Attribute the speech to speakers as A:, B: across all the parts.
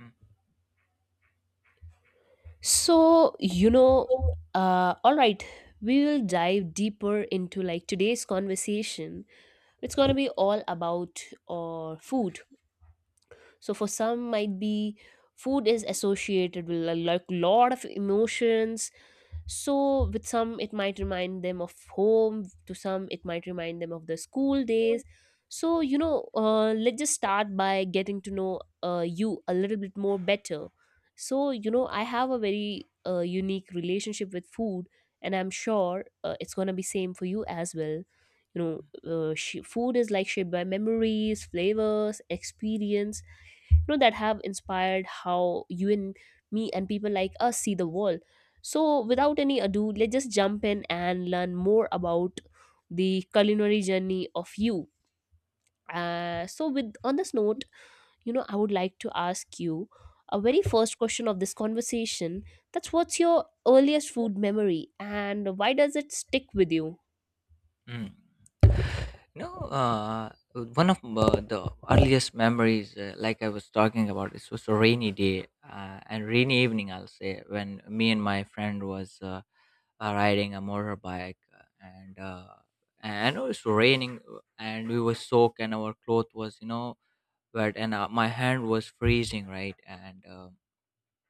A: Mm.
B: So, uh, all right, we will dive deeper into like today's conversation. It's going to be all about food. So, for some, might be food is associated with a like, lot of emotions, so with some, it might remind them of home, to some, it might remind them of the school days. So, you know, let's just start by getting to know you a little bit more better. So, you know, I have a very unique relationship with food, and I'm sure it's gonna be same for you as well. You know, food is like shaped by memories, flavors, experience, you know, that have inspired how you and me and people like us see the world, so without any ado, let's just jump in and learn more about the culinary journey of you. With on this note, you know, I would like to ask you a very first question of this conversation. That's what's your earliest food memory, and why does it stick with you?
A: mm. No, One of the earliest memories, like I was talking about, it was a rainy day and rainy evening, I'll say, when me and my friend was riding a motorbike, and it was raining, and we were soaked, and our cloth was wet, and my hand was freezing, right.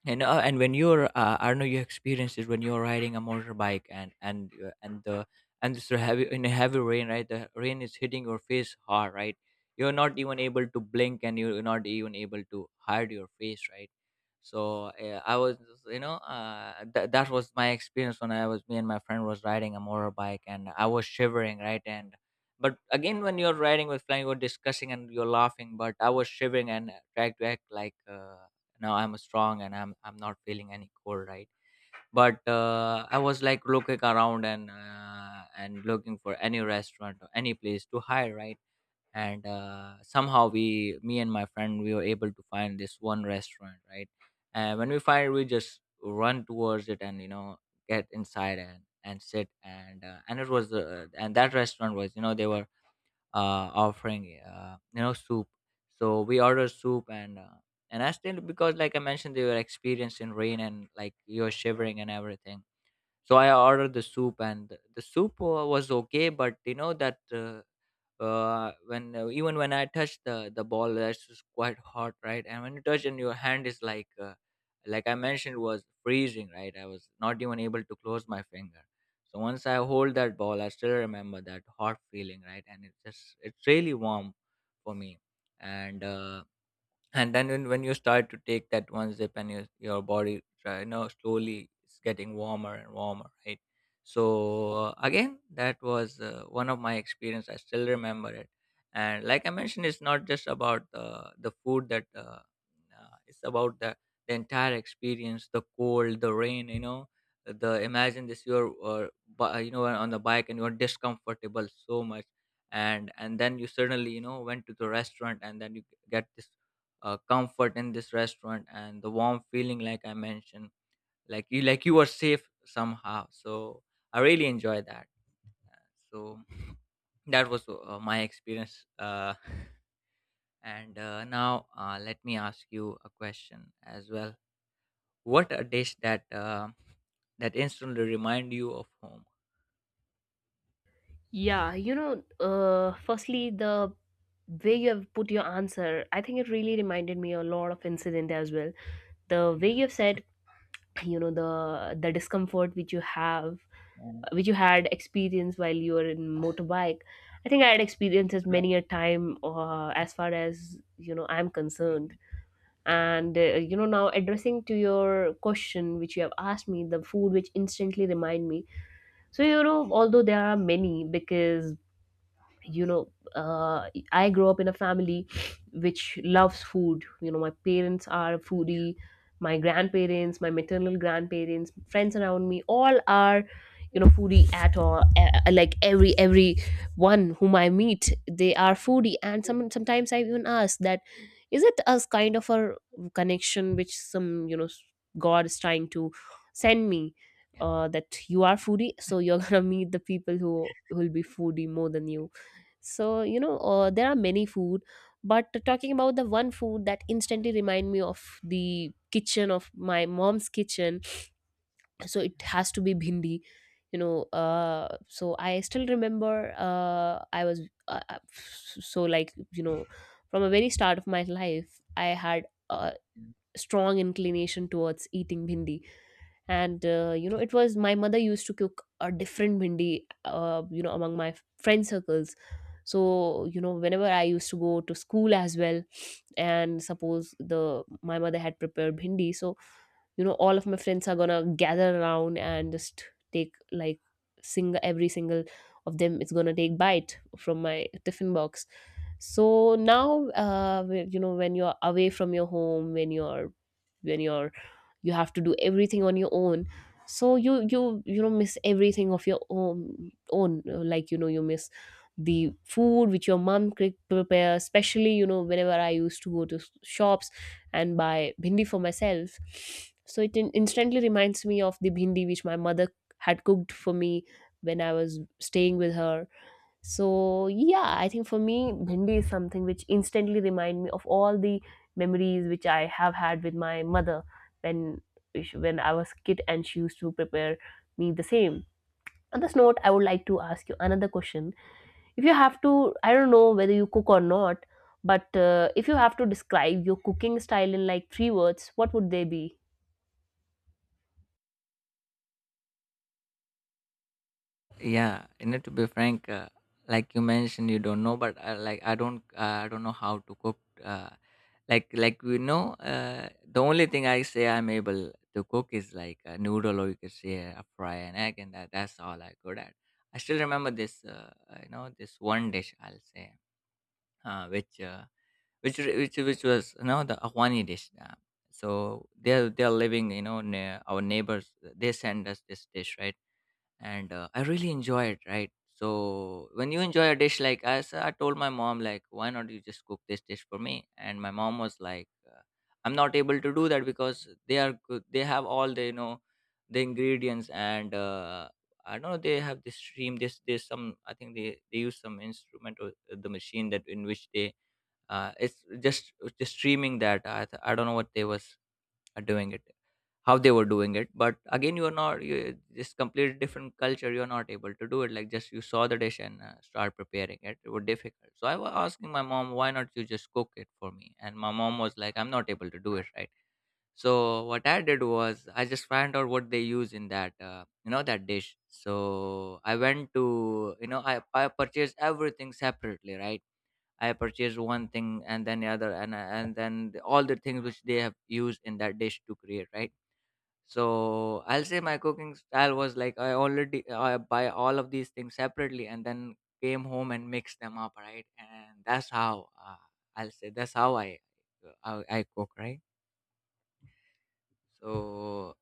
A: And when you're I don't know, you experienced it when you're riding a motorbike, and it's a heavy in a heavy rain, right? The rain is hitting your face hard, right? You're not even able to blink, and you're not even able to hide your face, right? So I was that was my experience when I was me and my friend was riding a motorbike, and I was shivering, right? and But again, when you're riding with flying, you're discussing and you're laughing, but I was shivering and tried to act like now I'm strong, and I'm not feeling any cold, right? But I was like looking around and looking for any restaurant or any place to hire, right? And somehow we me and my friend, we were able to find this one restaurant, right? And when we find it, we just run towards it, and you know, get inside, and sit, and it was and that restaurant was, you know, they were offering you know, soup. So we ordered soup, and I still, because like I mentioned, they were experienced in rain, and like you're shivering and everything. So I ordered the soup, and the soup was okay, but you know that when even when I touch the ball, that's just quite hot, right? And when you touch, and your hand is like I mentioned, was freezing, right? I was not even able to close my finger. So once I hold that ball, I still remember that hot feeling, right? And it's really warm for me, and uh, and then when you start to take that one sip and your body try, you know, slowly it's getting warmer and warmer, right? So again, that was one of my experience, I still remember it. And like I mentioned, it's not just about the food that it's about the entire experience, the cold, the rain, you know, the imagine this, you're you know, on the bike, and you're discomfortable so much. And then you suddenly, you know, went to the restaurant, and then you get this comfort in this restaurant and the warm feeling, like I mentioned, like you were safe somehow. So I really enjoy that. So that was my experience and now let me ask you a question as well. What a dish that that instantly remind you of home?
B: Yeah, you know, firstly, the way you have put your answer, I think it really reminded me a lot of incident as well. The way
A: yeah
B: you've said, you know, the discomfort which you have, which you had experienced while you were in motorbike. I think I had experiences
A: yeah,
B: many a time, as far as you know, I'm concerned.
A: yeah.
B: And you know, now addressing to your question, which you have asked me, the food which instantly remind me. So you know, although there are many, because you know I grew up in a family which loves food. You know, my parents are foodie, my grandparents, my maternal grandparents, friends around me, all are, you know, foodie at all. Like every one whom I meet, they are foodie, and sometimes I even ask that, is it as kind of a connection which, some, you know, god is trying to send me, that you are foodie, so you're gonna meet the people who will be foodie more than you. So, you know, there are many food, but talking about the one food that instantly remind me of the kitchen of my mom's kitchen, so it has to be bhindi. You know, so I still remember, I was uh, uh, so like you know, from a very start of my life, I had a
A: Yeah.
B: strong inclination towards eating bhindi. And you know, it was, my mother used to cook a different bhindi, you know, among my friend circles. So you know, whenever I used to go to school as well, and suppose the my mother had prepared bhindi, so you know, all of my friends are gonna gather around and just take like single, every single of them is gonna take bite from my tiffin box. So now, you know, when you're away from your home, when you're you have to do everything on your own. So you know, miss everything of your own, like you know, you miss the food which your mom prepares, especially you know, whenever I used to go to shops and buy bhindi for myself, so it instantly reminds me of the bhindi which my mother had cooked for me when I was staying with her. So yeah, I think for me bhindi is something which instantly remind me of all the memories which I have had with my mother when, when I was kid and she used to prepare me the same. On this note, I would like to ask you another question. If you have to, I don't know whether you cook or not, but if you have to describe your cooking style in like 3 words, what would they be?
A: Yeah, you know, to be frank, like you mentioned, you don't know, but like I don't know how to cook. Uh, like we know, the only thing I say I'm able to cook is like a noodle, or you could say a fry an egg, and that's all I good at. I still remember this, you know, this one dish I'll say, uh, which, uh, which was, you know, the Afghani dish. So they're living, you know, near our neighbors. They send us this dish, right? And I really enjoy it, right? So when you enjoy a dish like us, I told my mom like, why not you just cook this dish for me? And my mom was like, I'm not able to do that because they are good. They have all the, you know, the ingredients, and I don't know, they have this stream. This There's some, I think they use some instrument or the machine that in which they it's just streaming, that I don't know what they was are doing it, how they were doing it. But again, you're not, you just completely different culture, you're not able to do it. Like just you saw the dish and start preparing it, it was difficult. So I was asking my mom, why not you just cook it for me? And my mom was like, I'm not able to do it, right? So what I did was, I just found out what they use in that you know, that dish. So I went to, you know, I purchased everything separately, right? I purchase one thing and then the other, and then all the things which they have used in that dish to create, right? So I'll say my cooking style was like, I already, I buy all of these things separately and then came home and mix them up, right? And that's how I'll say that's how I I cook, right? So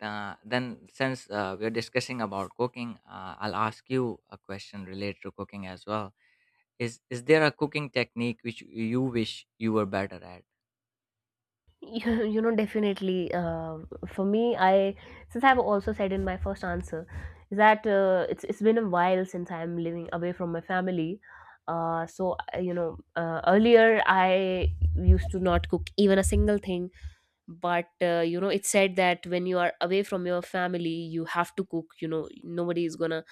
A: then since we're discussing about cooking, I'll ask you a question related to cooking as well. Is there a cooking technique which you wish you were better at?
B: You know definitely, for me I since I've also said in my first answer, is that it's been a while since I'm living away from my family. You know, earlier I used to not cook even a single thing. But you know, it's said that when you are away from your family, you have to cook. You know, nobody is gonna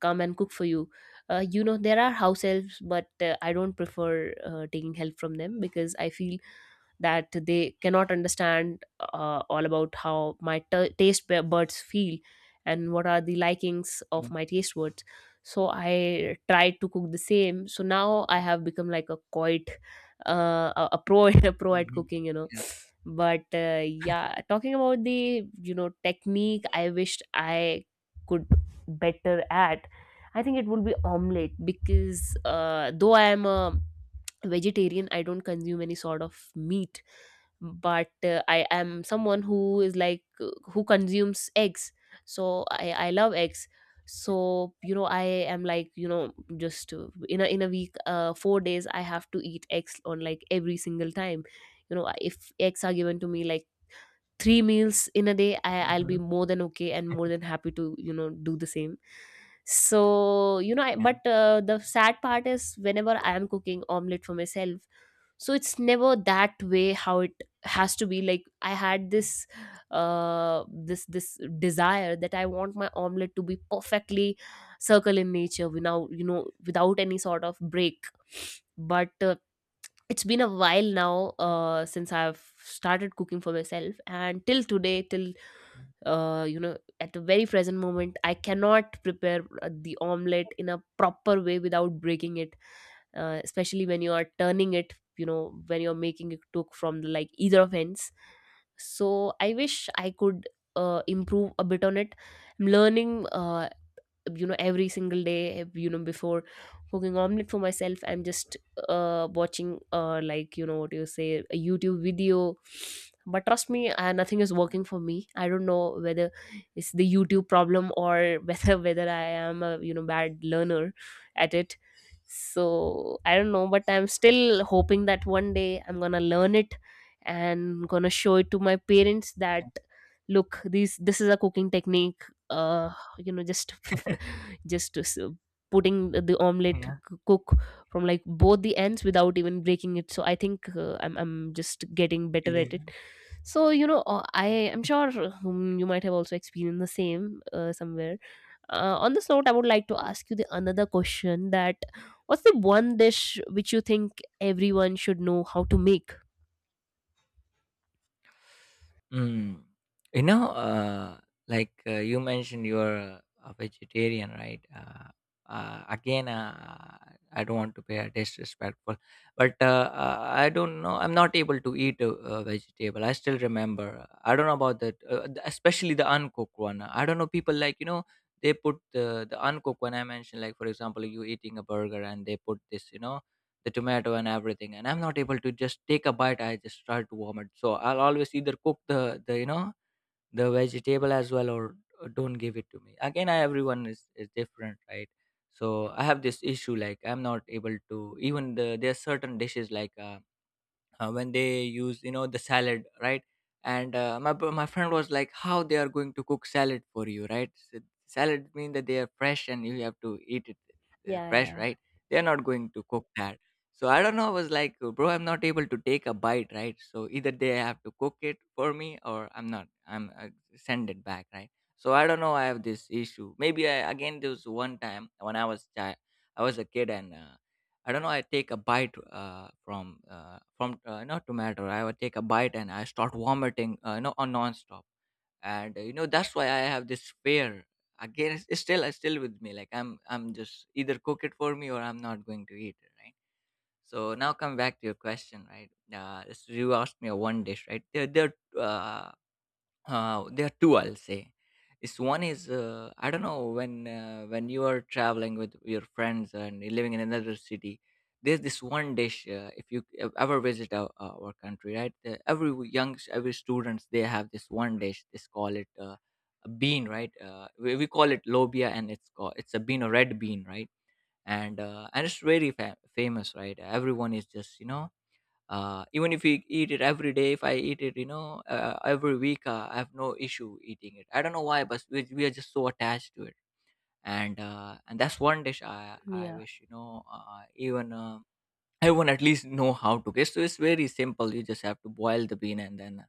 B: come and cook for you. You know, there are house helps, but I don't prefer taking help from them because I feel that they cannot understand all about how my taste buds feel and what are the likings of
A: Mm,
B: my taste buds. So I tried to cook the same, so now I have become like a quite a pro, a pro at
A: mhm.
B: cooking, you know.
A: Yeah.
B: But yeah, talking about the, you know, technique I wished I could better at, I think it would be omelette, because though I am a vegetarian, I don't consume any sort of meat, but I am someone who is like, who consumes eggs. So I love eggs. So you know, I am like, you know, just, in a week, 4 days I have to eat eggs on like every single time. You know, if eggs are given to me like 3 meals in a day, I'll be
A: Mhm.
B: more than okay and more than happy to, you know, do the same. So you know, I, but
A: Yeah.
B: uh, the sad part is whenever I am cooking omelet for myself, so it's never that way how it has to be. Like I had this desire that I want my omelet to be perfectly circle in nature without you know, without any sort of break. But it's been a while now since I've started cooking for myself, and till today, till you know, at the very present moment, I cannot prepare the omelette in a proper way without breaking it. Especially when you are turning it, you know, when you're making it cook from the, like either of ends. So I wish I could improve a bit on it. I'm learning. You know, every single day, you know, before cooking omelet for myself, I'm just watching, like you know, what do you say, a YouTube video. But trust me, nothing is working for me. I don't know whether it's the YouTube problem, or whether I am a, you know, bad learner at it. So I don't know, but I'm still hoping that one day I'm gonna learn it and gonna show it to my parents that, look, these this is a cooking technique, uh you know, just just putting the omelette
A: Yeah.
B: cook from like both the ends without even breaking it. So I think I'm just getting better at it.
A: Yeah.
B: So you know, I am sure, you might have also experienced the same somewhere. Uh, on this note, I would like to ask you the another question that, what's the one dish which you think everyone should know how to make?
A: Mm. You know, like you mentioned, you're a vegetarian, right? Again, I don't want to be disrespectful, but I don't know. I'm not able to eat a vegetable. I still remember. I don't know about that, especially the uncooked one. I don't know. People, like, you know, they put the uncooked one. I mentioned, like, for example, you eating a burger and they put this, you know, the tomato and everything, and I'm not able to just take a bite, I just start to vomit. So I'll always either cook the you know, the vegetable as well, or don't give it to me. Again, everyone is different, right? So I have this issue, like I'm not able to even, the there are certain dishes like when they use, you know, the salad, right? And my friend was like, how they are going to cook salad for you, right? S Salad mean that they are fresh and you have to eat it
B: Yeah,
A: fresh,
B: yeah,
A: right? They are not going to cook that. So I don't know, I was like, bro, I'm not able to take a bite, right? So either they have to cook it for me, or I'm not, I'm send it back, right? So I don't know, I have this issue maybe. Again, there was one time when I was a kid, and I don't know, I take a bite from not tomato. I would take a bite and I start vomiting, you know, on nonstop. And you know, that's why I have this fear. Again, it's still with me. Like I'm just either cook it for me or I'm not going to eat it, right? So now come back to your question, right? You asked me a one dish, right? There are, there are two, I'll say. Is One is I don't know, when you are traveling with your friends and you're living in another city, there's this one dish. If you ever visit our country, right? Every w- young s- every students, they have this one dish. They call it a bean, right? We call it lobia, and it's called, it's a bean, a red bean, right? And it's very famous, right? Everyone is just even if we eat it every day, if I eat it every week, I have no issue eating it. I don't know why, but we are just so attached to it. And that's one dish I
B: yeah.
A: wish even everyone at least know how to get. So it's very simple, you just have to boil the bean and then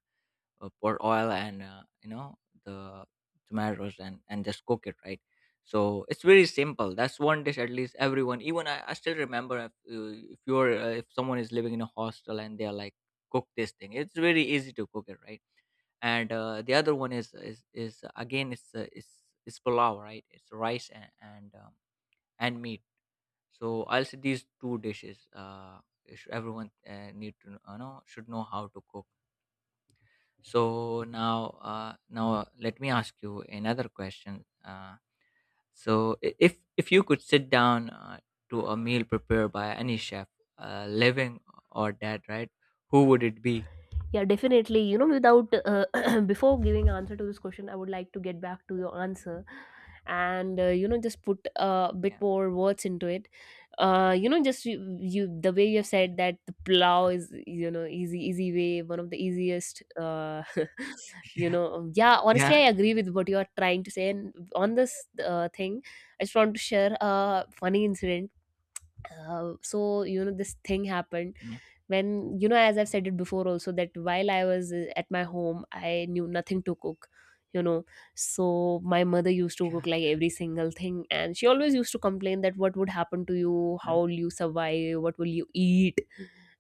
A: pour oil and the tomatoes and just cook it, right? So it's very simple. That's one dish at least everyone, even I still remember. If someone is living in a hostel and they're like cook this thing, it's very easy to cook it, right? And the other one is again, it's it's pulao, right? It's rice and meat. So I'll say these two dishes, everyone need to know, should know how to cook. So now, let me ask you another question. If you could sit down to a meal prepared by any chef, living or dead, right? Who would it be?
B: Yeah, definitely. You know, without, before giving answer to this question, I would like to get back to your answer, and you know, just put a bit
A: Yeah,
B: more words into it. You know, just you, the way you have
A: yeah,
B: said that the plow is, you know, easy, way, one of the easiest. You know, yeah.
A: yeah,
B: Honestly, I agree with what you are trying to say, and on this thing, I just want to share a funny incident. So this thing happened
A: yeah,
B: when as I've said it before also, that while I was at my home, I knew nothing to cook you know so my mother used to cook
A: yeah,
B: like every single thing, and she always used to complain that what would happen to you, how will you survive, what will you eat,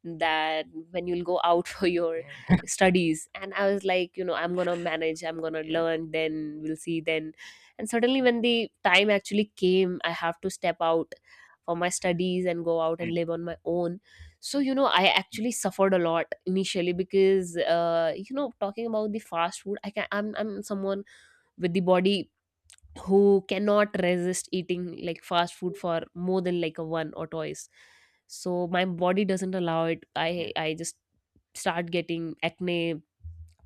B: that when you'll go out for your
A: yeah, yeah,
B: studies. And I was like, I'm gonna manage, I'm gonna
A: yeah,
B: learn, then we'll see then. And suddenly when the time actually came, I have to step out for my studies and go out and
A: yeah,
B: live on my own. So I actually suffered a lot initially, because talking about the fast food, I'm someone with the body who cannot resist eating like fast food for more than like a one or twice. So my body doesn't allow it.
A: yeah,
B: I just start getting acne,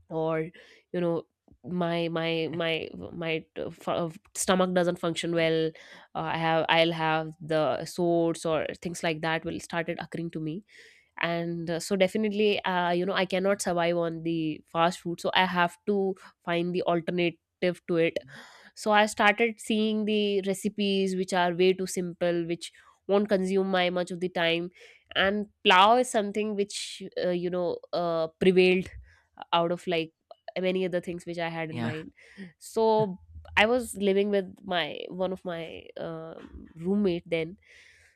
B: or you know my stomach doesn't function well. I'll have the sores or things like that will started occurring to me. And so definitely, I
A: yeah,
B: cannot survive on the fast food, so I have to find the alternative to it. So I started seeing the recipes which are way too simple, which won't consume my much of the time. And plow is something which prevailed out of like many other things which I had in
A: yeah,
B: mind. So I was living with my one of my roommate then.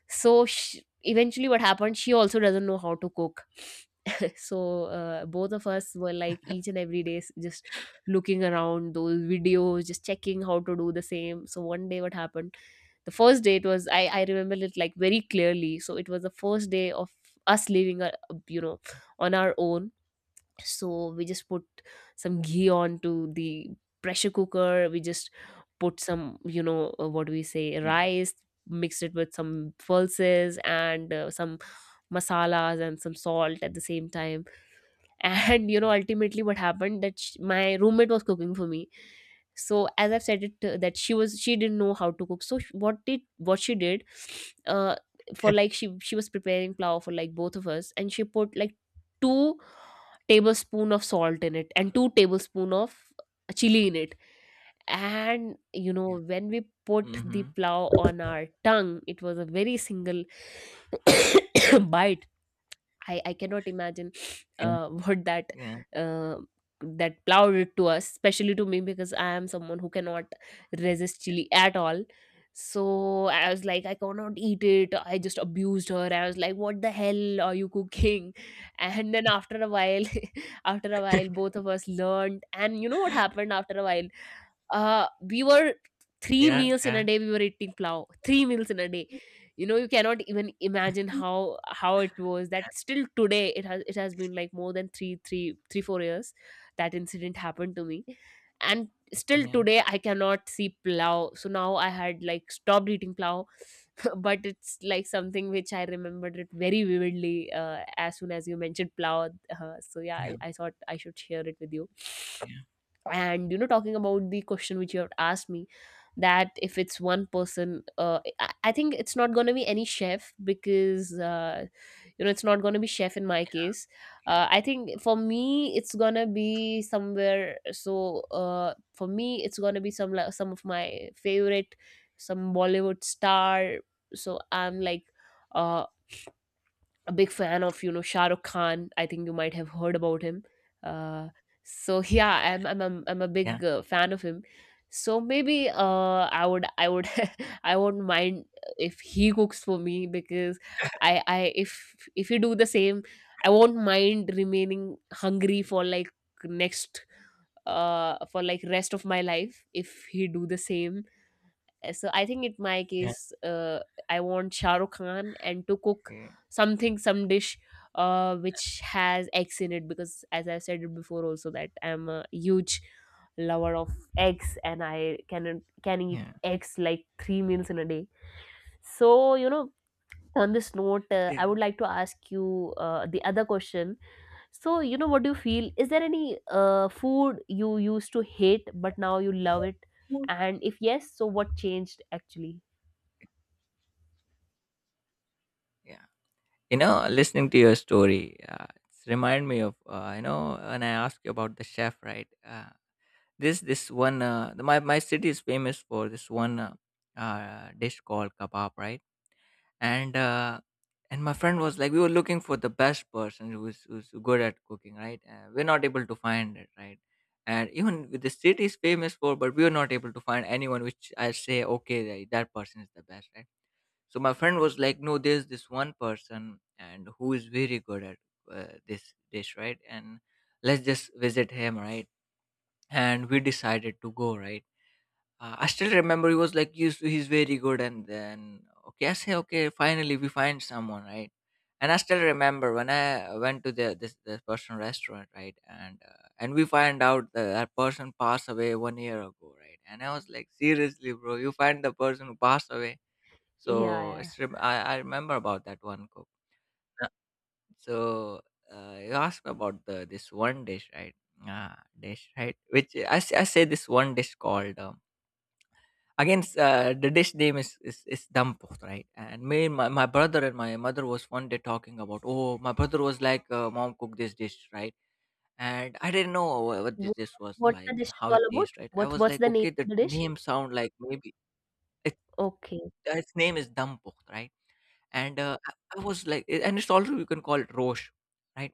B: So she, eventually what happened, she also doesn't know how to cook. So both of us were like each and every day, just looking around those videos, just checking how to do the same. So one day, what happened? The first day, it was, I remember it like very clearly. So it was the first day of us living, you know, on our own. So we just put some ghee onto the pressure cooker. We just put some, what do we say,
A: yeah,
B: rice. Mixed it with some pulses and some masalas and some salt at the same time. And ultimately what happened that sh my roommate was cooking for me. So as I've said it, that she didn't know how to cook. So what she did, uh for like she was preparing plow for like both of us. And she put like 2 tablespoon of salt in it and 2 tablespoon of chili in it. And you
A: yeah.
B: know, when we put the
A: Mm-hmm.
B: plow on our tongue, it was a very single bite. I cannot imagine,
A: Yeah,
B: what that,
A: yeah,
B: uh, that plowed it to us, especially to me, because I am someone who cannot resist chili at all. So I was like, I cannot eat it. I just abused her. I was like, what the hell are you cooking? And then after a while, after a while, both of us learned. And you know what happened after a while? We were 3
A: yeah,
B: meals in a
A: yeah,
B: day, we were eating plow. 3 meals in a day. You know, you cannot even imagine how it was, that still today it has been like more than 4 years. That incident happened to me. And still
A: yeah,
B: today I cannot see plow. So now I had like stopped eating plow, but it's like something which I remembered it very vividly as soon as you mentioned plow. So yeah,
A: yeah,
B: I thought I should share it with you.
A: yeah,
B: And talking about the question which you have asked me, that if it's one person, I think it's not going to be any chef, because it's not going to be chef in my case. I think for me it's going to be somewhere. So for me it's going to be some, like, some of my favorite, some Bollywood star. So I'm like, uh, a big fan of, Shah Rukh Khan. I think you might have heard about him. Uh, so yeah, I'm a big fan of him. So maybe, I would I won't mind if he cooks for me. Because I if you do the same, I won't mind remaining hungry for like next, for like rest of my life, if he do the same. Uh, so I think in my
A: yeah,
B: case, I want Shah Rukh Khan and to cook
A: yeah,
B: something, some dish, which has eggs in it, because, as I said it before, also that I'm a huge lover of eggs, and I can eat
A: yeah,
B: eggs like 3 meals in a day. So you know, on this note, I
A: yeah,
B: would like to ask you the other question. So you know, what do you feel? Is there any food you used to hate but now you love it? And if yes, so what changed actually?
A: yeah. You know, listening to your story, it's remind me of, you know, when I asked you about the chef, right? This one, my city is famous for this one dish called kebab, right? And and my friend was like, we were looking for the best person who's good at cooking, right? We're not able to find it, right? And even with the city is famous for, but we were not able to find anyone which I say, okay, that person is the best, right? So my friend was like, no, there's this one person and who is very good at this dish, right? And let's just visit him, right? And we decided to go, right? I still remember, he was like he's very good, and then okay, I say okay, finally we find someone, right? And I still remember when I went to the this person restaurant, right? And we find out that person passed away one year ago, right? And I was like, seriously bro, you find the person who passed away?
B: Yeah,
A: So
B: yeah.
A: it's I remember about that one cook. Yeah. So you asked me about the this one dish, right? Ah, dish, right? Which I say this one dish called again. Uh, the dish name is dampo, right? And me, and my brother and my mother was one day talking about. Oh, my brother was like, "Mom, cook this dish," right? And I didn't know what this
B: What
A: dish was
B: what's the
A: like
B: dish
A: and
B: is
A: how it
B: all about?
A: tastes, right? I was
B: What's
A: like,
B: the name
A: "Okay,
B: of
A: the
B: the dish?
A: name sound like maybe it,
B: Okay.
A: its name is dampo, right?" And I was like, eh, and it's also you can call it Roche, right?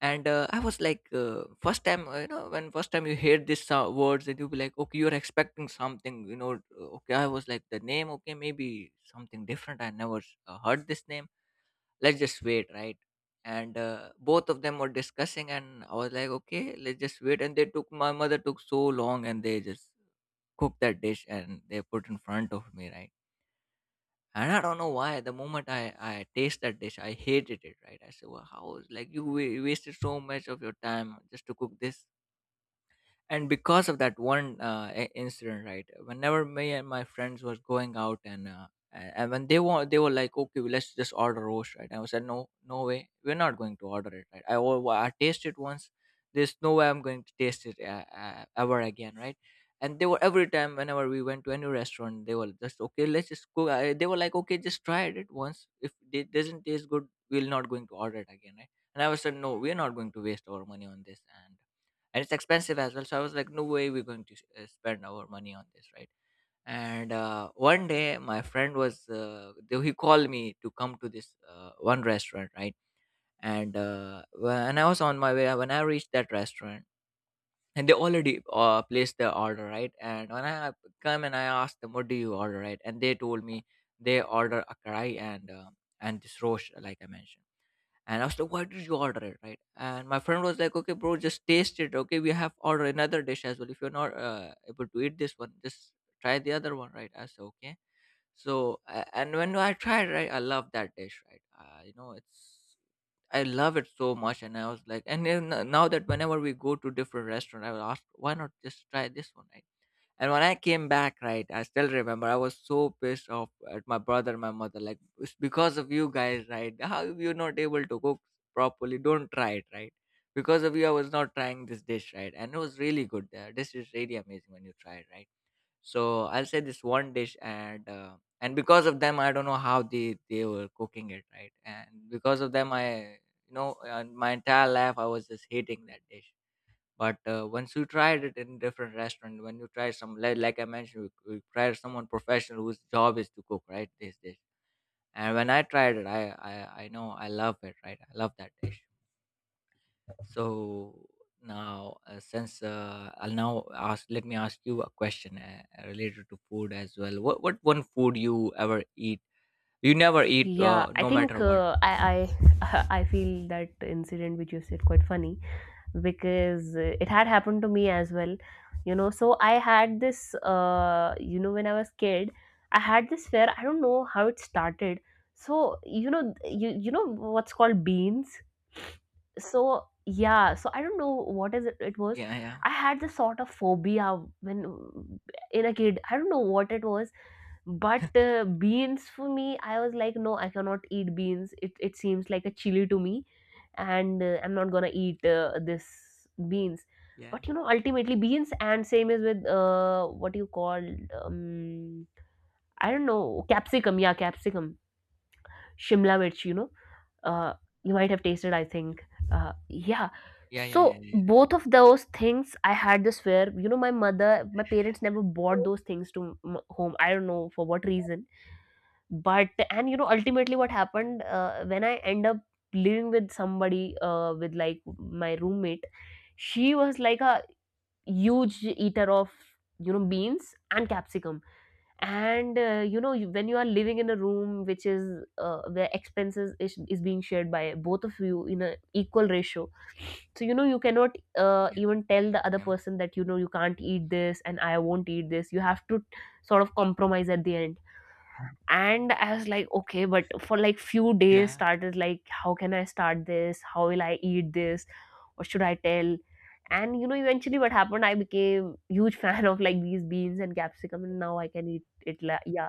A: And I was like, first time, you know, when first time you hear these sou- words, and you'll be like, okay, you're expecting something, you know, okay, I was like, the name, okay, maybe something different. I never heard this name. Let's just wait, right? And both of them were discussing, and I was like, okay, let's just wait. And they took, my mother took so long, and they just cooked that dish and they put in front of me, right? And I don't know why. The moment I taste that dish, I hated it, right? I said, well, how is like you wa- wasted so much of your time just to cook this, and because of that one incident, right? Whenever me and my friends was going out and when they were, they were like, okay, well, let's just order roast, right? I said no, no way we're not going to order it, right. I tasted once, there's no way I'm going to taste it ever again, right? And they were every time, whenever we went to any restaurant, they were just, okay, let's just go, they were like, okay, just try it once, if it doesn't taste good, we're not going to order it again, right? And I was said, no, we're not going to waste our money on this. And it's expensive as well, so I was like, no way we're going to spend our money on this, right? And one day my friend was he called me to come to this one restaurant, right? And when I was on my way, when I reached that restaurant, and they already placed their order, right? And when I come and I asked them, what do you order, right? And they told me they order a karai and and this rosh, like I mentioned. And I was like, why did you order it, right? And my friend was like, okay bro, just taste it. Okay, we have ordered another dish as well. If you're not able to eat this one, just try the other one, right? I said, okay. So, and when I tried, right, I love that dish, right. You know, it's, I love it so much. And I was like, and then, now that whenever we go to different restaurant, I will ask, why not just try this one, right?" And when I came back, right, I still remember I was so pissed off at my brother and my mother. Like, it's because of you guys, right? How you're not able to cook properly? Don't try it, right? Because of you, I was not trying this dish, right? And it was really good. The dish is really amazing when you try it, right? So I'll say this one dish, and and because of them, I don't know how they were cooking it, right? And because of them, I, you know, my entire life I was just hating that dish. But once you tried it in different restaurant, when you try some, like I mentioned, you try someone professional whose job is to cook, right, this dish. And when I tried it, I know I love it, right? I love that dish. So now since I'll now ask, let me ask you a question related to food as well. What one food you ever eat, you never eat
B: Yeah, I
A: no
B: think,
A: matter what?
B: I I feel that incident which you said quite funny, because it had happened to me as well. You know, so I had this, when I was kid, I had this fear. I don't know how it started. So, you know, you know what's called beans? So yeah, so I don't know what is it, it was,
A: Yeah, yeah,
B: I had this sort of phobia when, in a kid, I don't know what it was. But beans for me, I was like, no, I cannot eat beans, it seems like a chili to me. And I'm not gonna eat, this beans.
A: yeah,
B: But you know, ultimately beans, and same is with, what you call, um, I don't know, capsicum, yeah, capsicum, shimla mirch, you know, uh, you might have tasted, I think. Yeah.
A: yeah, yeah, yeah,
B: So
A: yeah, yeah,
B: both of those things I had this fear, you know. My mother, my parents never bought those things to home, I don't know for what reason. But, and you know, ultimately what happened, when I end up living with somebody, with like my roommate. She was like a huge eater of, you know, beans and capsicum. And you know, when you are living in a room which is, where is being shared by both of you in an equal ratio. So you know, you cannot
A: yeah,
B: even tell the other
A: yeah, yeah,
B: person that, you know, you can't eat this and I won't eat this, you have to sort of compromise at the end. And I was like, okay, but for like few days
A: yeah,
B: started like, how can I start this, how will I eat this, what should I tell? And you know, eventually what happened, I became huge fan of like these beans and capsicum, and now I can eat it, yeah.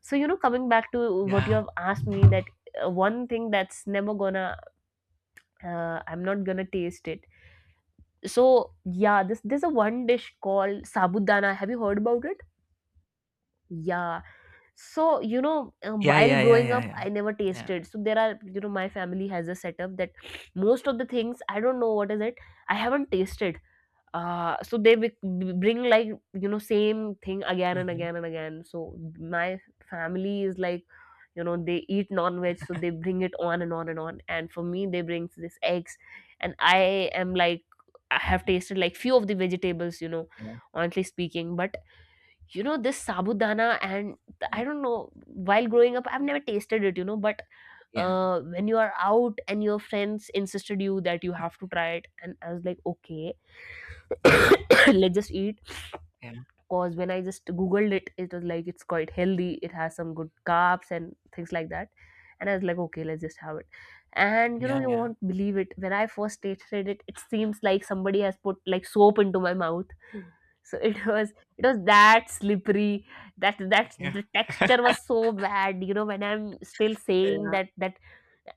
B: So you know, coming back to what you
A: yeah.
B: have asked me that, one thing that's never gonna, I'm not gonna taste it. So yeah, this there's a one dish called sabudana, have you heard about it? Yeah. So, you know,
A: Yeah,
B: while
A: yeah, yeah,
B: growing up,
A: yeah,
B: I
A: yeah.
B: never
A: Yeah.
B: tasted. So, there are, you know, my family has a setup that most of the things, I don't know what is it, I haven't tasted. So they bring like, you know, same thing again and
A: Mhm,
B: again and again. So my family is like, you know, they eat non-veg, so they bring it on and on and on. And for me, they bring this eggs, and I am like, I have
A: mhm.
B: tasted like few of the vegetables, you know,
A: Yeah,
B: honestly speaking. But you know, this sabudana, and I don't know, while growing up, I've never tasted it, you know. But
A: yeah, yeah,
B: when you are out and your friends insisted you that you have to try it, and I was like, okay, let's just eat. Because when I just Googled it, it was like, it's quite healthy, it has some good carbs and things like that. And I was like, okay, let's just have it. And you know,
A: yeah,
B: you
A: yeah,
B: won't believe it. When I first tasted it, it seems like somebody has put like soap into my mouth. So it was that slippery,
A: yeah,
B: that
A: yeah, yeah, yeah, yeah, yeah,
B: the texture was so bad. You know, when I'm still saying that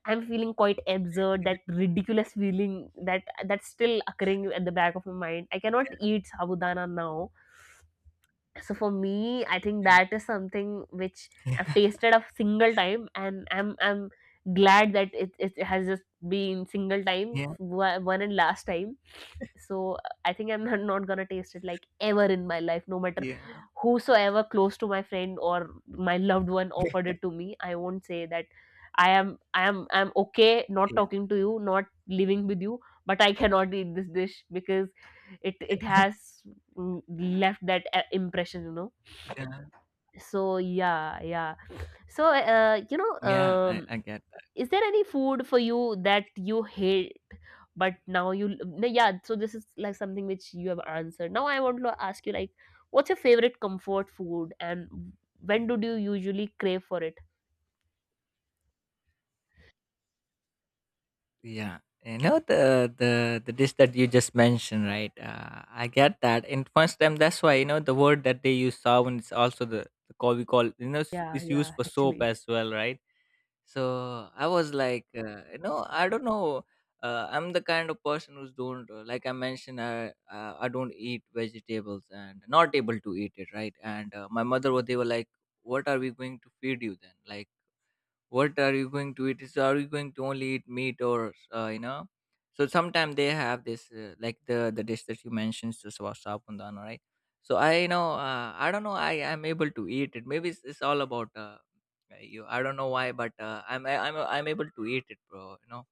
B: I'm feeling quite absurd, that ridiculous feeling, that's still occurring at the back of my mind, I cannot eat sabudana now. So for me, I think that is something which I've tasted a single time, and I'm glad that it has just been single time,
A: yeah,
B: one and last time. So I think I'm not gonna taste it like ever in my life, no matter whosoever close to my friend or my loved one offered it to me. I won't say that I'm okay not
A: yeah,
B: talking to you, not living with you, but I cannot eat this dish, because it has, mm, left that impression, you know.
A: yeah.
B: So yeah, yeah. So
A: Yeah, I I get that.
B: is there any food for you that you hate but now you, no, yeah, so this is like something which you have answered. Now I want to ask you like, what's your favorite comfort food, and when do you usually crave for it?
A: Yeah. You know the the dish that you just mentioned, right? I get that. And first time, that's why you know the word that they use, sound, is also the call we call, you know, s-
B: Yeah,
A: is used
B: yeah,
A: for soap
B: actually.
A: as well, right? So I was like, you know, I don't know, I'm the kind of person who's don't, like I mentioned, I don't eat vegetables and not able to eat it, right? And my mother wa- they were like, what are we going to feed you then, like what are you going to eat? Is are you going to only eat meat or you know. So sometimes they have this like the dish that you mentioned, the sa- sabundana, right? So I, you know, I don't know, I am able to eat it, maybe it's all about you, I don't know why, but I'm I, I'm able to eat it, bro, you know.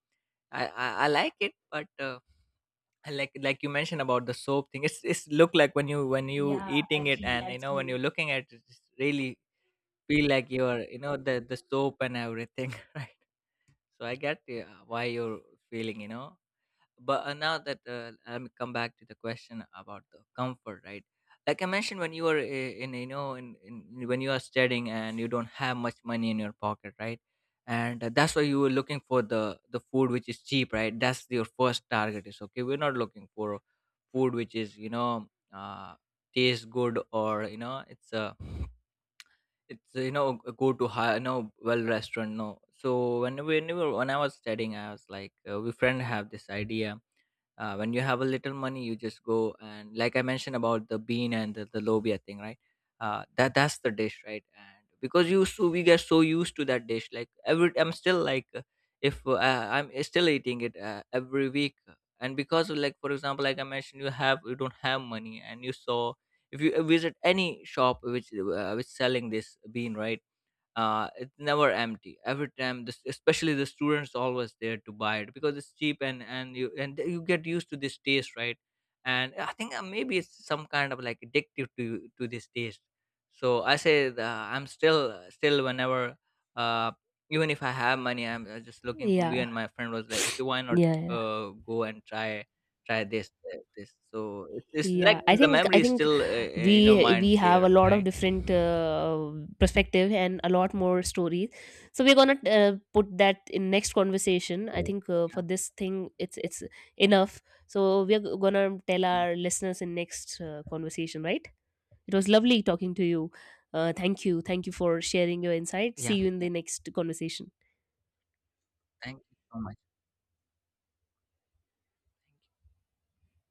A: I like it, but I like you mentioned about the soap thing, it's look like when you, when you
B: Yeah,
A: eating it,
B: actually,
A: and you know when
B: actually.
A: you're looking at it, it's really feel like you're, you know, the soap and everything. So I get why you're feeling, you know. But now that let me come back to the question about the comfort, right? Like I mentioned, when you are in, you know, in when you are studying and you don't have much money in your pocket, right? And that's why you were looking for the food which is cheap, right? That's your first target. Is okay, we're not looking for food which is, you know, uh, tastes good, or you know, it's a, it's, you know, go to high, you know, well restaurant. No. So when we when I was studying I was like, we friend have this idea, when you have a little money you just go, and like I mentioned about the bean and the lobia thing, right? That that's the dish, right? And because you, so we get so used to that dish like every, I'm still like, if I'm still eating it every week. And because of, like for example like I mentioned, you have, you don't have money, and you saw, if you visit any shop which, which selling this bean, right? It's never empty, every time this, especially the students always there to buy it because it's cheap, and you, and you get used to this taste, right? And I think, maybe it's some kind of like addictive to this taste. So I say the, I'm still still whenever, uh even if I have money I'm just looking for me,
B: Yeah,
A: and my friend was like, okay, why not
B: yeah, yeah,
A: go and try, try this this. So it's like
B: yeah. i
A: the
B: think i
A: memory is
B: think
A: still in your
B: we
A: mind
B: we have a
A: clear,
B: lot of
A: right?
B: different
A: Yeah.
B: perspective and a lot more stories. So we're gonna put that in next conversation. I think, for this thing it's enough. So we're gonna tell
A: Yeah.
B: our listeners in next conversation, right? It was lovely talking to you. Thank you for sharing your insight. See
A: Yeah,
B: you in the
A: yeah.
B: next conversation.
A: Thank you so much.